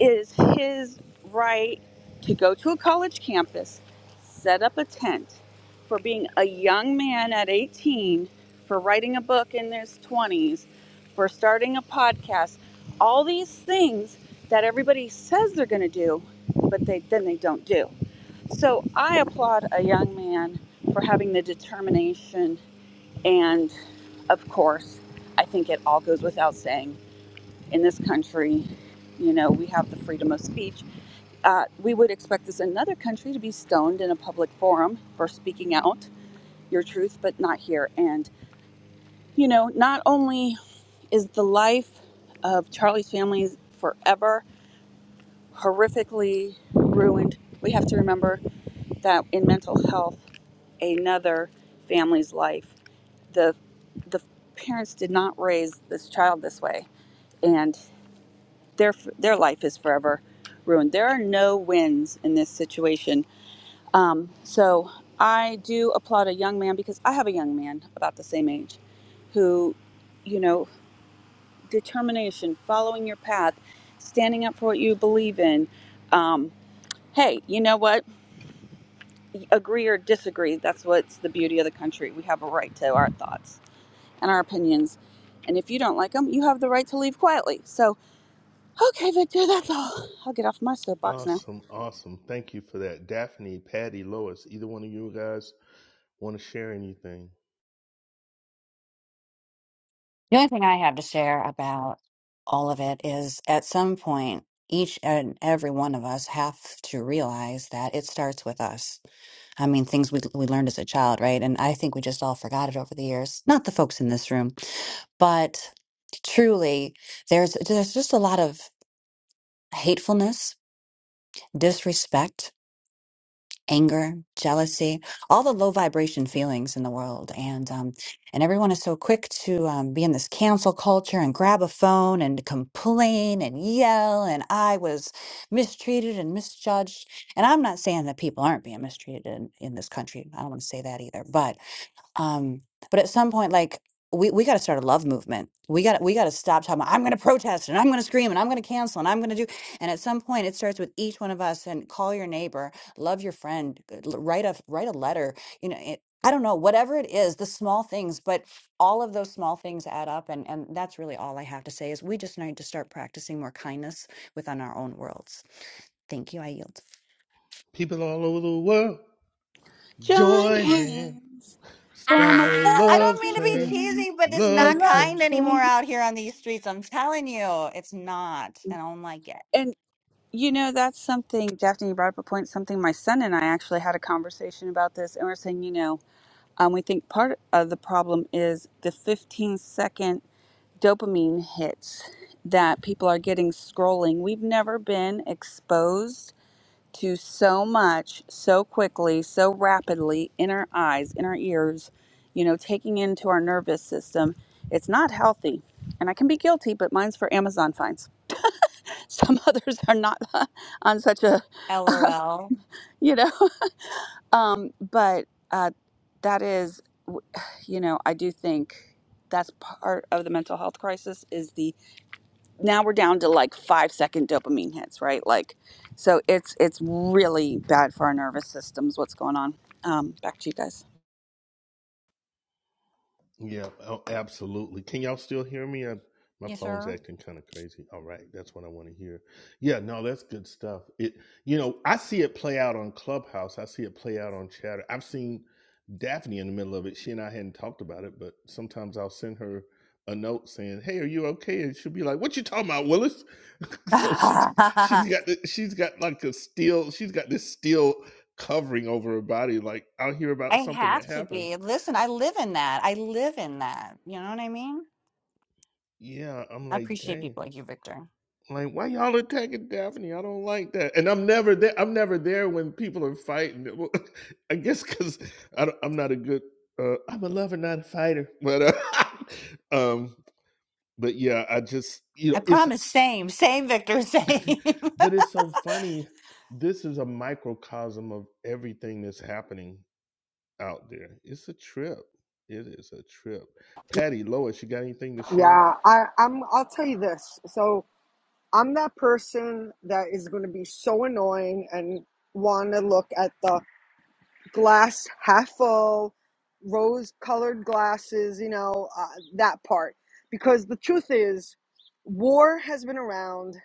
S2: is his right to go to a college campus, set up a tent for being a young man at 18, for writing a book in his 20s, for starting a podcast, all these things that everybody says they're going to do, but they then they don't do. So I applaud a young man for having the determination and of course, I think it all goes without saying in this country, you know, we have the freedom of speech uh, we would expect this in another country to be stoned in a public forum for speaking out your truth, but not here. And, you know, not only is the life of Charlie's family forever horrifically ruined, we have to remember that in mental health, another family's life, the, the parents did not raise this child this way, and their, their life is forever ruined. There are no wins in this situation Um, so I do applaud a young man because I have a young man about the same age who, you know, determination, following your path, standing up for what you believe in. Um, hey, you know what? Agree or disagree. That's what's the beauty of the country. We have a right to our thoughts and our opinions. And if you don't like them, you have the right to leave quietly. So, okay, Victor, that's all. I'll get off my soapbox now.
S1: Awesome, awesome. Thank you for that. Daphne, Patty, Lois, either one of you guys want to share anything?
S3: The only thing I have to share about all of it is at some point, each and every one of us have to realize that it starts with us. I mean, things we, we learned as a child, right? And I think we just all forgot it over the years. Not the folks in this room, but truly, there's there's just a lot of hatefulness, disrespect anger, jealousy, all the low vibration feelings in the world. And um, and everyone is so quick to um, be in this cancel culture and grab a phone and complain and yell. And I was mistreated and misjudged. And I'm not saying that people aren't being mistreated in, in this country. I don't want to say that either. But um, but at some point, like we we got to start a love movement. We got we got to stop talking. About, I'm going to protest and I'm going to scream and I'm going to cancel and I'm going to do. And at some point, it starts with each one of us. And call your neighbor, love your friend, g- l- write a write a letter. You know, it, I don't know whatever it is, the small things, but all of those small things add up. And and that's really all I have to say is we just need to start practicing more kindness within our own worlds. Thank you. I yield.
S1: People all over the world,
S2: John
S1: join hands,
S2: Haynes. For
S1: start
S2: my
S1: a
S3: Ah, I
S2: love
S1: love
S3: don't mean to be
S1: train,
S2: train,
S3: cheesy, but it's
S2: a
S3: not
S1: love
S2: love
S1: train.
S3: kind anymore
S2: train.
S3: out here on these streets. I'm telling you, it's not, and I don't like it.
S2: And you know, that's something, Daphne, you brought up a point, something my son and I actually had a conversation about this, and we're saying, you know, um, we think part of the problem is the 15 second dopamine hits that people are getting scrolling. We've never been exposed to so much so quickly, so rapidly in our eyes, in our ears, you know, taking into our nervous system. It's not healthy. And I can be guilty, but mine's for Amazon fines. Some others are not on such a,
S3: LOL.
S2: you know, um, but uh, that is, w- you know, I do think that's part of the mental health crisis is the now we're down to like five second dopamine hits, right? Like, so it's it's really bad for our nervous systems. What's going on? Um, back to you guys.
S1: Yeah, oh, absolutely. Can y'all still hear me? I, my
S3: Yes,
S1: phone's
S3: sir.
S1: acting kind of crazy. All right, that's what I want to hear. Yeah, no, that's good stuff. It, you know, I see it play out on Clubhouse. I see it play out on Chatter. I've seen Daphne in the middle of it. She and I hadn't talked about it, but sometimes I'll send her a note saying, "Hey, are you okay?" And she'll be like, "What you talking about, Willis?" so she's
S3: I
S1: she's got the, she's got like a steel. She's got this steel covering over her body. Like I'll hear about something that
S3: have to
S1: happened.
S3: be. Listen, I live in that. I live in that. You know what I mean?
S1: Yeah, I'm
S3: I
S1: like,
S3: appreciate
S1: dang.
S3: people like you, Victor.
S1: Like, why y'all attacking Daphne? I don't like that. And I'm never there. I'm never there when people are fighting. Well, I guess because I'm not a good. Uh, I'm a lover, not a fighter. But, uh, um, but yeah, I just you know
S3: I
S1: it's.
S3: promise. Same, same, Victor. Same.
S1: But it's so funny. This is a microcosm of everything that's happening out there. It's a trip. It is a trip. Patty Lois, you got anything to share?
S5: Yeah, I, I'm. I'll tell you this. So I'm that person that is going to be so annoying and want to look at the glass half full, rose colored glasses, you know, uh, that part. Because the truth is, war has been around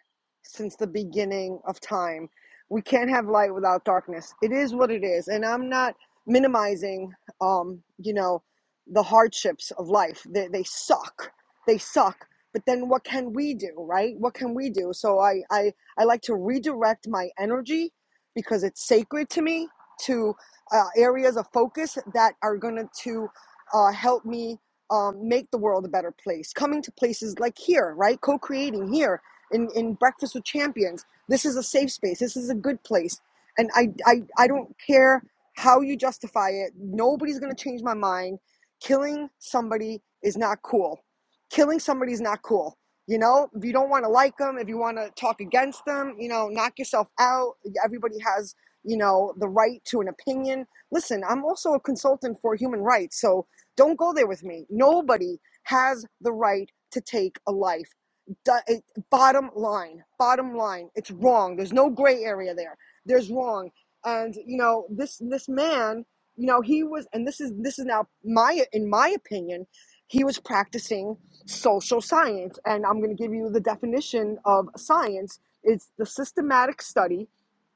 S5: since the beginning of time. We can't have light without darkness. It is what it is. And I'm not minimizing, um, you know, the hardships of life. They, they suck. They suck. But then what can we do, right? What can we do? So I, I, I like to redirect my energy because it's sacred to me to uh, areas of focus that are going to uh, help me um, make the world a better place. Coming to places like here, right? Co creating here in, in Breakfast with Champions. This is a safe space. This is a good place. And I, I, I don't care how you justify it, nobody's going to change my mind. Killing somebody is not cool. Killing somebody is not cool. You know, if you don't want to like them, if you want to talk against them, you know, knock yourself out. Everybody has you know, the right to an opinion. Listen, I'm also a consultant for human rights, so don't go there with me. Nobody has the right to take a life. Do- it- Bottom line, bottom line, it's wrong. There's no gray area there. There's wrong. And you know, this this man, you know, he was and this is this is now my in my opinion, he was practicing social science and I'm going to give you the definition of science. It's the systematic study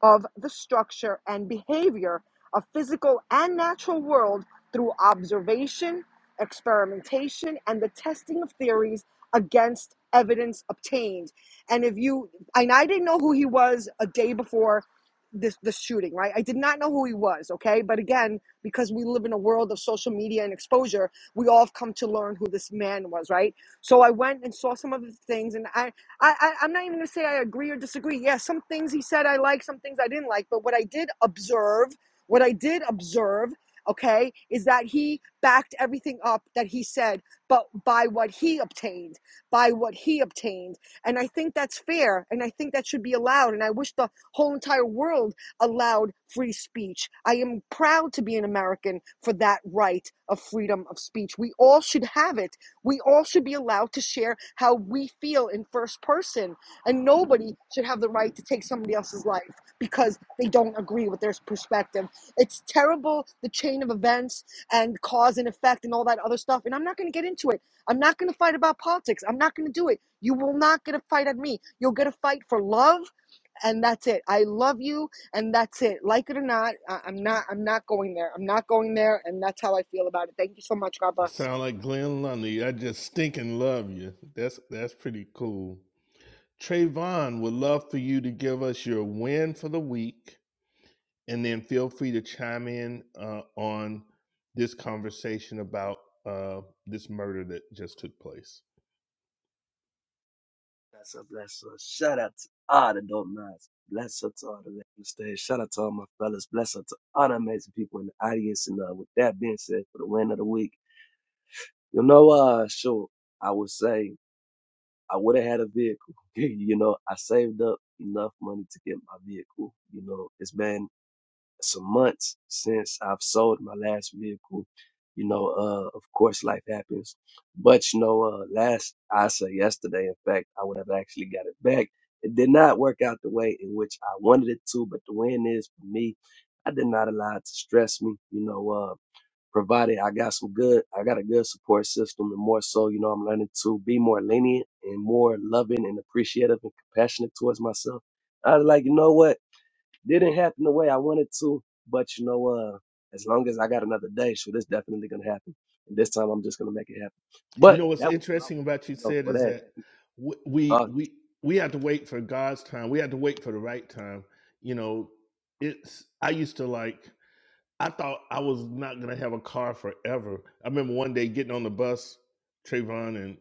S5: of the structure and behavior of physical and natural world through observation, experimentation, and the testing of theories against evidence obtained. And if you and I didn't know who he was a day before this the shooting, right? I did not know who he was, okay? But again, because we live in a world of social media and exposure, we all have come to learn who this man was, right? So I went and saw some of the things, and I. I, I I'm not even going to say I agree or disagree. Yeah, some things he said I like, some things I didn't like. But what I did observe, what I did observe, okay, is that he backed everything up that he said, but by what he obtained, by what he obtained, and I think that's fair, and I think that should be allowed. And I wish the whole entire world allowed free speech. I am proud to be an American for that right of freedom of speech. We all should have it we all should be allowed to share how we feel in first person, and nobody should have the right to take somebody else's life because they don't agree with their perspective. It's terrible the chain of events and cause and effect and all that other stuff. And I'm not going to get into it. I'm not going to fight about politics. I'm not going to do it. You will not get a fight at me. You'll get a fight for love, and that's it. I love you, and that's it. Like it or not, I- I'm not. I'm not going there. I'm not going there, and that's how I feel about it. Thank you so much. God bless.
S1: Sound like Glenn Lundy. I just stinking love you. That's that's pretty cool. Trayvon would love for you to give us your win for the week, and then feel free to chime in uh, on this conversation about uh, this murder that just took place.
S6: Bless her, bless her. Shout out to all that don't mind. Bless her to all the ladies on the stage. Shout out to all my fellas. Bless her to all the amazing people in the audience. And uh, with that being said, for the win of the week, you know, uh, sure, I would say I would have had a vehicle. you know, I saved up enough money to get my vehicle. You know, it's been some months since I've sold my last vehicle. You know, uh, of course, life happens. But you know, uh, last I say yesterday, in fact, I would have actually got it back. It did not work out the way in which I wanted it to, but the win is for me. I did not allow it to stress me. You know, uh, provided I got some good, I got a good support system, and more so, you know, I'm learning to be more lenient and more loving and appreciative and compassionate towards myself. I was like, you know what? Didn't happen the way I wanted to, but you know, uh, as long as I got another day, so this definitely gonna happen. And this time, I'm just gonna make it happen.
S1: You
S6: But
S1: know what's
S6: that would be my
S1: interesting
S6: win,
S1: about you
S6: you know,
S1: said
S6: for
S1: is
S6: that.
S1: that w- we
S6: Uh,
S1: we we have to wait for God's time. We have to wait for the right time. You know, it's I used to like I thought I was not gonna have a car forever. I remember one day getting on the bus, Trayvon and.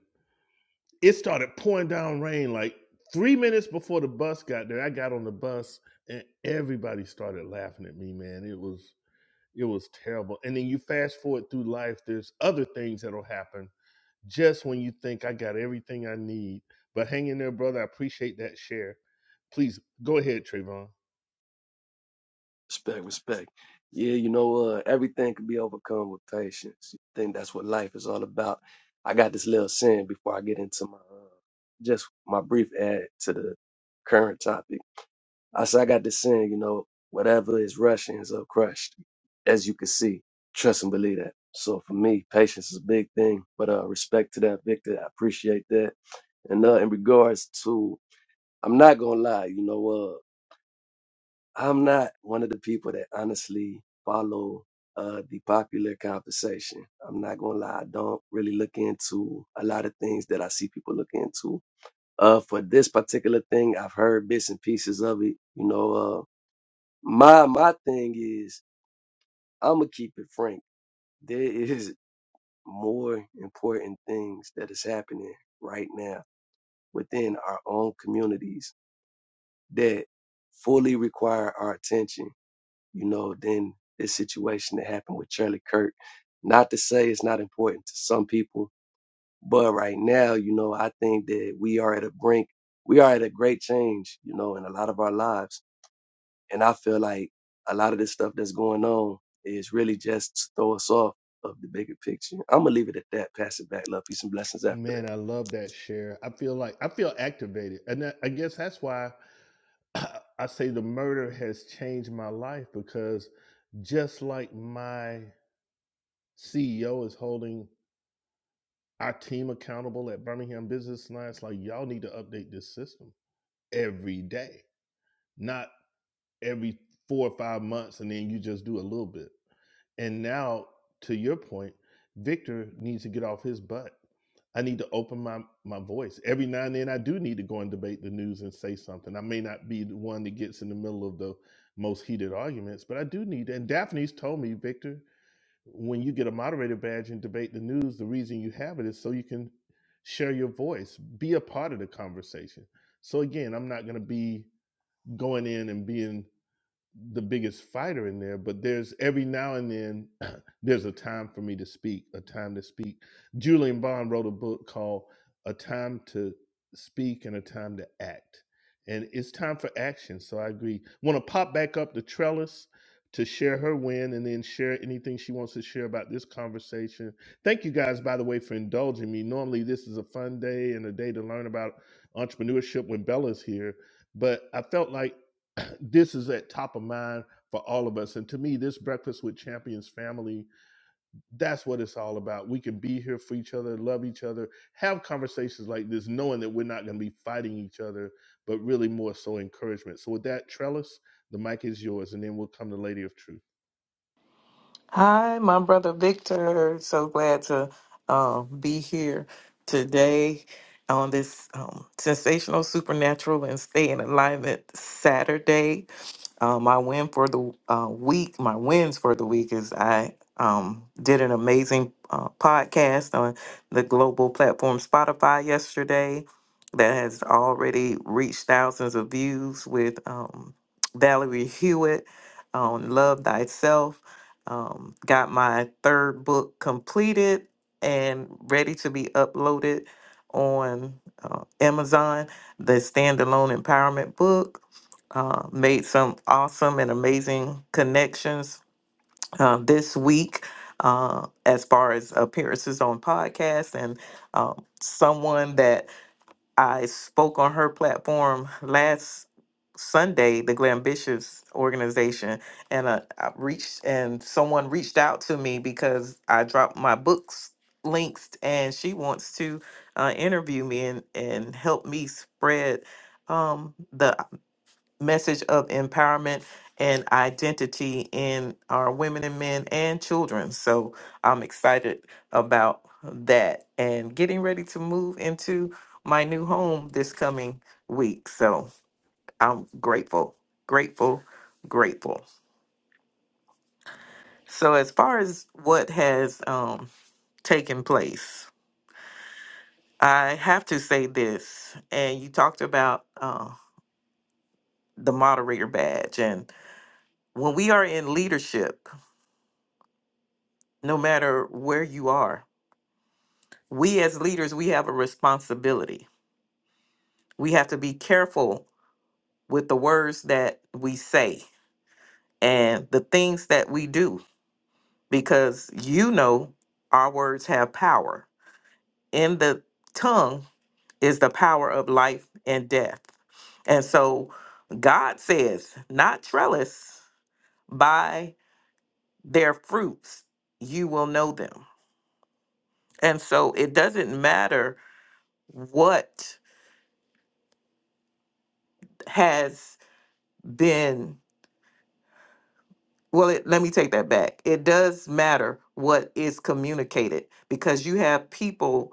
S1: it started pouring down rain like three minutes before the bus got there. I got on the bus and everybody started laughing at me, man. It was it was terrible. And then you fast forward through life, there's other things that'll happen just when you think I got everything I need. But hang in there, brother. I appreciate that share. Please go ahead, Trayvon.
S6: respect, respect. Yeah, you know, uh, everything can be overcome with patience. I think that's what life is all about. I got this little saying before I get into my, uh, just my brief add to the current topic I said, I got this saying, you know, whatever is rushed ends up crushed. As you can see, trust and believe that. So for me, patience is a big thing. But uh, respect to that, Victor. I appreciate that. And uh, in regards to, I'm not gonna lie, you know, uh, I'm not one of the people that honestly follow uh the popular conversation. I'm not gonna lie, I don't really look into a lot of things that I see people look into. Uh, for this particular thing, I've heard bits and pieces of it. You know, uh, my my thing is I'ma keep it frank. There is more important things that is happening right now within our own communities that fully require our attention, you know, than this situation that happened with Charlie Kirk. Not to say it's not important to some people, but right now, you know, I think that we are at a brink, we are at a great change, you know, in a lot of our lives And I feel like a lot of this stuff that's going on is really just to throw us off of the bigger picture. I'm gonna leave it at that. Pass it back. Love, peace, and blessings after that.
S1: Man, I love that share. I feel like I feel activated. And that, I guess that's why I say the murder has changed my life because just like my CEO is holding our team accountable at Birmingham Business Alliance. Like, y'all need to update this system every day, not every four or five months, and then you just do a little bit. And now, to your point, Victor needs to get off his butt. I need to open my, my voice. Every now and then, I do need to go and debate the news and say something. I may not be the one that gets in the middle of the most heated arguments, but I do need. to. And Daphne's told me, Victor, when you get a moderator badge and debate the news, the reason you have it is so you can share your voice, be a part of the conversation. So again, I'm not going to be going in and being the biggest fighter in there, but there's every now and then there's a time for me to speak, a time to speak. Julian Bond wrote a book called A Time to Speak and a Time to Act. And it's time for action. So I agree. Want to pop back up to Trellis to share her win and then share anything she wants to share about this conversation. Thank you guys, by the way, for indulging me. Normally, this is a fun day and a day to learn about entrepreneurship when Bella's here but I felt like this is at top of mind for all of us. And to me, this Breakfast with Champions family, that's what it's all about. We can be here for each other, love each other, have conversations like this, knowing that we're not going to be fighting each other, but really more so encouragement. So, with that, Trellis, the mic is yours, and then we'll come to Lady of Truth.
S7: Hi, my brother Victor. So glad to uh, be here today on this um, sensational, supernatural, and stay in alignment Saturday. Uh, my win for the uh, week, my wins for the week is I um, did an amazing uh, podcast on the global platform Spotify yesterday that has already reached thousands of views with um, Valerie Hewitt on Love Thyself. Um, got my third book completed and ready to be uploaded on uh, Amazon, the standalone empowerment book uh, made some awesome and amazing connections uh, this week uh, as far as appearances on podcasts and um, someone that I spoke on her platform last Sunday, the Glambitious organization, and uh, I reached and someone reached out to me because I dropped my books links and she wants to uh, interview me and, and help me spread um, the message of empowerment and identity in our women and men and children. So I'm excited about that and getting ready to move into my new home this coming week. So I'm grateful, grateful, grateful. So as far as what has um, taken place, I have to say this, and you talked about uh, the moderator badge, and when we are in leadership. no matter where you are. We as leaders, we have a responsibility. We have to be careful with the words that we say and the things that we do because you know our words have power. In the tongue is the power of life and death. And so God says, not trellis, by their fruits you will know them. And so it doesn't matter what has then well it, let me take that back it does matter what is communicated because you have people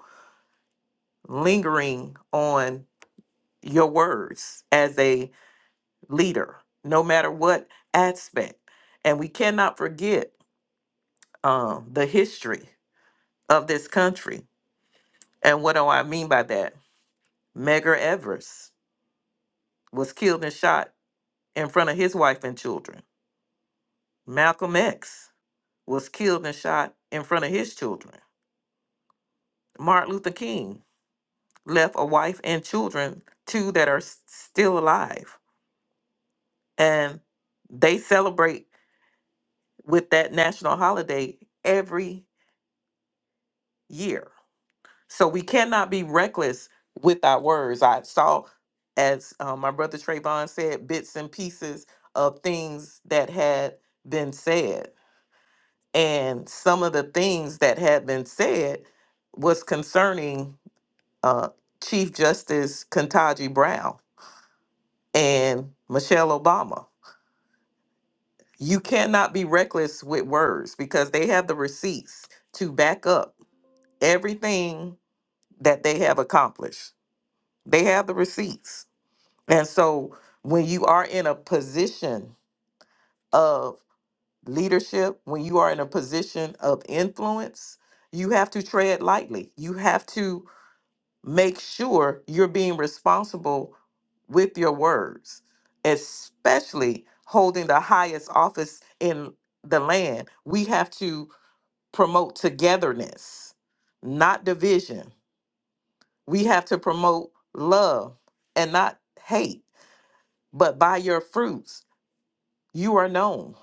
S7: lingering on your words as a leader no matter what aspect and we cannot forget um, the history of this country and what do i mean by that megar evers was killed and shot in front of his wife and children malcolm x was killed and shot in front of his children martin luther king left a wife and children, two that are s- still alive. And they celebrate with that national holiday every year. So we cannot be reckless with our words. I saw, as uh, my brother Trayvon said, bits and pieces of things that had been said. And some of the things that had been said was concerning uh, Chief Justice Ketanji Brown and Michelle Obama you cannot be reckless with words because they have the receipts to back up everything that they have accomplished. They have the receipts. And so when you are in a position of leadership, when you are in a position of influence, you have to tread lightly. You have to make sure you're being responsible with your words, especially holding the highest office in the land. We have to promote togetherness, not division. We have to promote love and not hate. But by your fruits, you are known.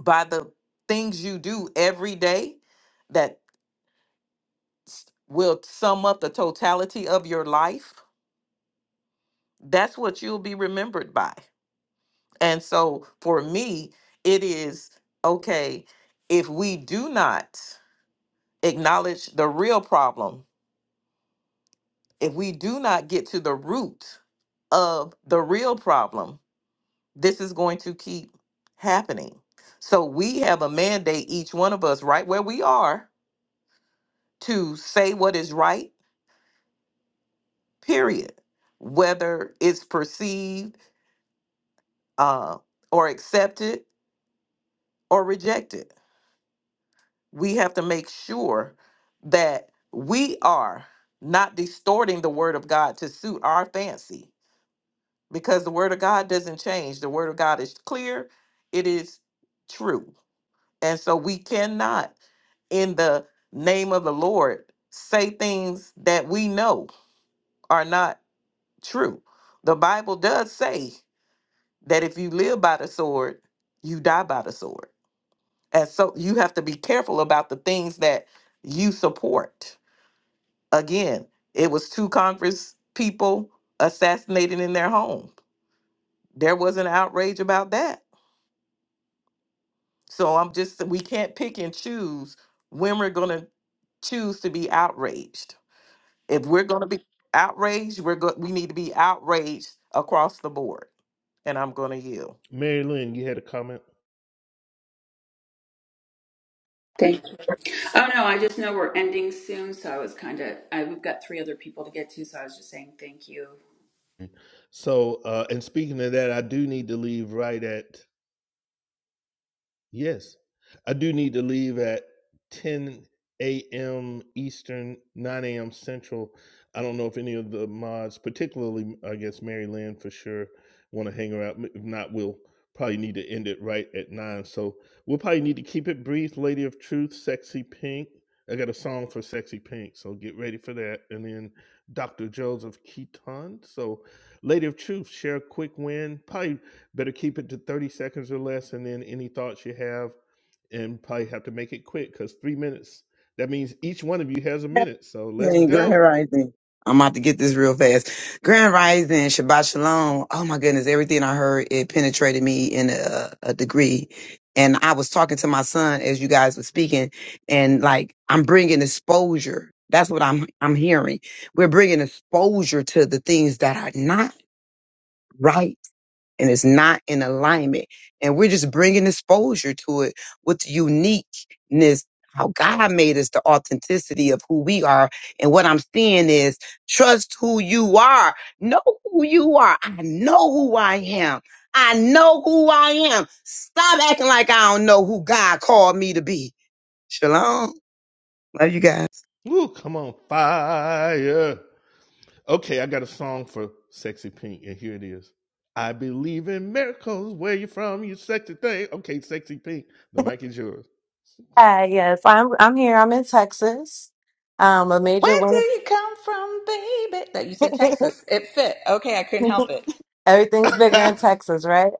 S7: By the things you do every day that s- will sum up the totality of your life, that's what you'll be remembered by. And so for me, it is okay if we do not acknowledge the real problem if we do not get to the root of the real problem, this is going to keep happening. So we have a mandate, each one of us, right where we are, to say what is right, period. Whether it's perceived uh, or accepted or rejected, we have to make sure that we are not distorting the word of God to suit our fancy because the word of God doesn't change. The word of God is clear, it is true. And so we cannot, in the name of the Lord, say things that we know are not true. The Bible does say that if you live by the sword, you die by the sword. And so you have to be careful about the things that you support. Again, it was two Congress people assassinated in their home. There was an outrage about that So I'm just we can't pick and choose when we're going to choose to be outraged. If we're going to be outraged, we're go- we need to be outraged across the board. And I'm going to yield.
S1: Mary Lynn, you had a comment.
S2: Thank you. Oh no, I just know we're ending soon, so I was kind of. I we've got three other people to get to, so I was just saying thank you.
S1: So, uh, and speaking of that, I do need to leave right at Yes. I do need to leave at 10 a.m. Eastern, 9 a.m. Central. I don't know if any of the mods, particularly, I guess, Mary Lynn for sure, want to hang around. If not, we'll probably need to end it right at 9. So we'll probably need to keep it brief. Lady of Truth, Sexy Pink. I got a song for Sexy Pink, so get ready for that. And then Dr. Joseph Keaton. So, Lady of Truth, share a quick win. Probably Better keep it to 30 seconds or less, and then any thoughts you have, and probably have to make it quick because three minutes. That means each one of you has a minute. So let's
S8: Hey, Grand
S1: go.
S8: Rising. I'm about to get this real fast. Grand Rising, Shabbat Shalom. Oh my goodness, everything I heard, it penetrated me in a, a degree. And I was talking to my son as you guys were speaking, and like I'm bringing exposure. That's what I'm I'm hearing. We're bringing exposure to the things that are not right and it's not in alignment. And we're just bringing exposure to it with the uniqueness, how God made us, the authenticity of who we are. And what I'm seeing is trust who you are. Know who you are. I know who I am. I know who I am. Stop acting like I don't know who God called me to be. Shalom. Love you guys.
S1: Woo, come on, fire. Okay, I got a song for Sexy Pink, and here it is. I believe in miracles. Where you from, you sexy thing? Okay, Sexy Pink, the mic is yours.
S9: Hi, yes, I'm I'm here. I'm in Texas. Um, a major
S2: Where do
S9: win.
S2: you come from, baby? That you said Texas. It fit. Okay, I couldn't help it.
S9: Everything's bigger in Texas, right?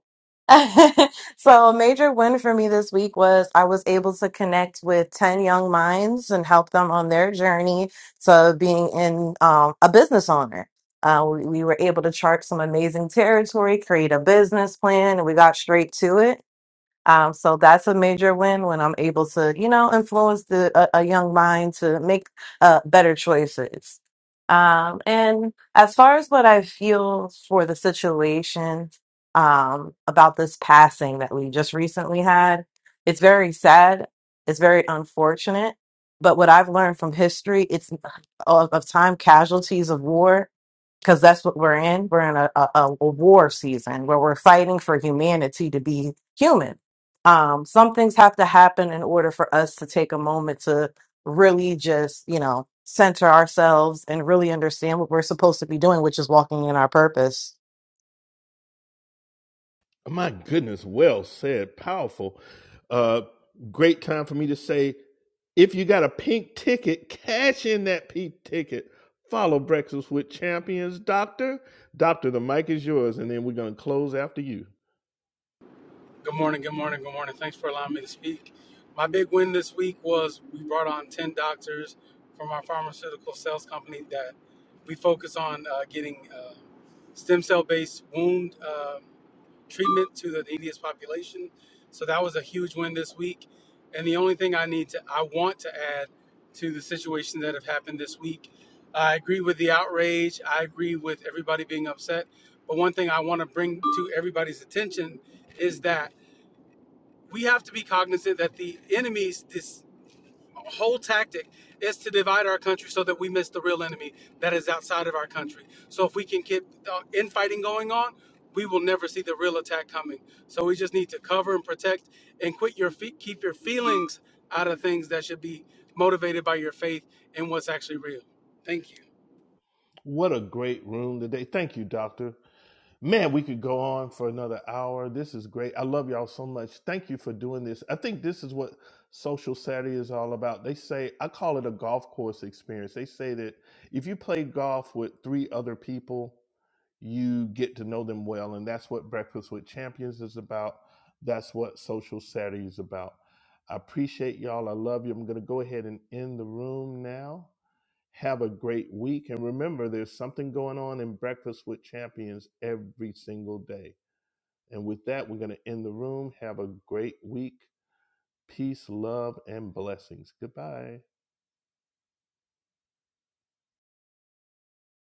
S9: So, a major win for me this week was I was able to connect with 10 young minds and help them on their journey to being in um, a business owner. Uh, we, we were able to chart some amazing territory, create a business plan, and we got straight to it. Um, so that's a major win when I'm able to, you know, influence the a, a young mind to make uh, better choices. Um, and as far as what I feel for the situation um, about this passing that we just recently had, it's very sad. It's very unfortunate. But what I've learned from history, it's of, of time casualties of war because that's what we're in. We're in a, a, a a war season where we're fighting for humanity to be human. Um, some things have to happen in order for us to take a moment to really just, you know, center ourselves and really understand what we're supposed to be doing, which is walking in our purpose.
S1: My goodness, well said, powerful. Uh, great time for me to say if you got a pink ticket, cash in that pink ticket. Follow Breakfast with Champions, Doctor. Doctor, the mic is yours, and then we're going to close after you.
S10: Good morning, good morning, good morning. Thanks for allowing me to speak. My big win this week was we brought on 10 doctors from our pharmaceutical sales company that we focus on uh, getting uh, stem cell based wound uh, treatment to the neediest population. So that was a huge win this week. And the only thing I need to, I want to add to the situations that have happened this week, I agree with the outrage. I agree with everybody being upset. But one thing I want to bring to everybody's attention is that we have to be cognizant that the enemy's this whole tactic is to divide our country so that we miss the real enemy that is outside of our country. So if we can keep the infighting going on, we will never see the real attack coming. So we just need to cover and protect and quit your feet, keep your feelings out of things that should be motivated by your faith and what's actually real. Thank you.
S1: What a great room today. Thank you, Doctor. Man, we could go on for another hour. This is great. I love y'all so much. Thank you for doing this. I think this is what Social Saturday is all about. They say, I call it a golf course experience. They say that if you play golf with three other people, you get to know them well. And that's what Breakfast with Champions is about. That's what Social Saturday is about. I appreciate y'all. I love you. I'm going to go ahead and end the room now. Have a great week. And remember, there's something going on in Breakfast with Champions every single day. And with that, we're going to end the room. Have a great week. Peace, love, and blessings. Goodbye.